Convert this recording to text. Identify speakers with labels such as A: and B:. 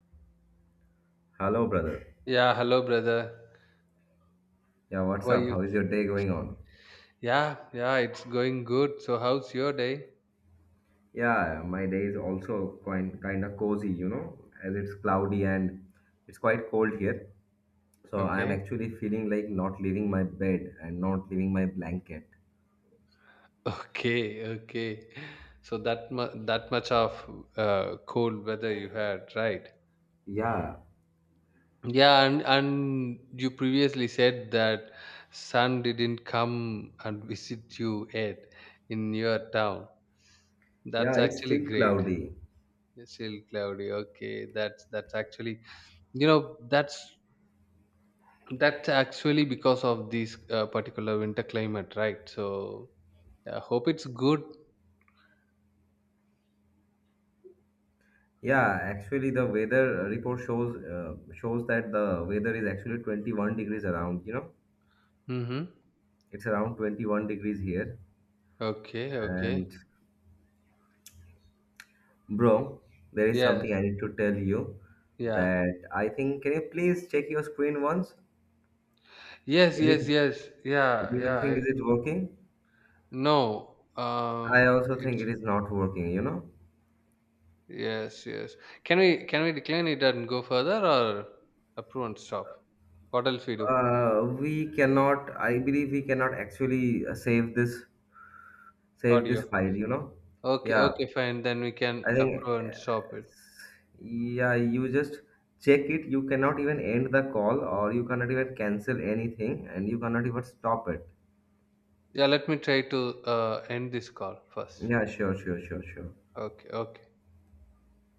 A: Hello, brother.
B: Yeah, hello, brother.
A: Yeah,
B: How
A: what's
B: are
A: up?
B: you?
A: How is your day going on?
B: Yeah, yeah, it's going good. So, how's your day?
A: Yeah, my day is also quite kind of cozy, you know, as it's cloudy and it's quite cold here. So I'm
B: Okay,
A: actually feeling like not leaving my bed and not leaving my blanket.
B: okay, okay. So that much of cold weather you had, right?
A: Yeah,
B: Yeah, and you previously said that sun didn't come and visit you yet in your town. That's
A: yeah, it's
B: actually
A: still
B: great.
A: cloudy.
B: Still cloudy. Okay, that's actually you know that's that's actually because of this particular winter climate, right? So I hope it's good.
A: Yeah, actually the weather report shows shows that the weather is actually 21 degrees around, you know.
B: Mm-hmm.
A: It's around 21 degrees here
B: Okay, okay.
A: and bro, there is
B: Yes,
A: something I need to tell you
B: yeah.
A: that I think, can you please check your screen once?
B: Yes,
A: Is it
B: yes,
A: do
B: yes. Yeah,
A: you
B: yeah.
A: think is
B: I-
A: it working?
B: No.
A: I also think
B: It's
A: it is not working, you know?
B: yes, yes. Can we decline it and go further, or approve and stop? What else we do?
A: We cannot, I believe we cannot actually save this save
B: Audio.
A: this file, you know?
B: Okay,
A: Yeah,
B: okay, fine. Then we can
A: I think
B: approve and stop it.
A: yeah, you just check it. You cannot even end the call or you cannot even cancel anything and you cannot even stop it.
B: Yeah, let me try to end this call first.
A: Yeah, sure, sure, sure, sure.
B: Okay, okay.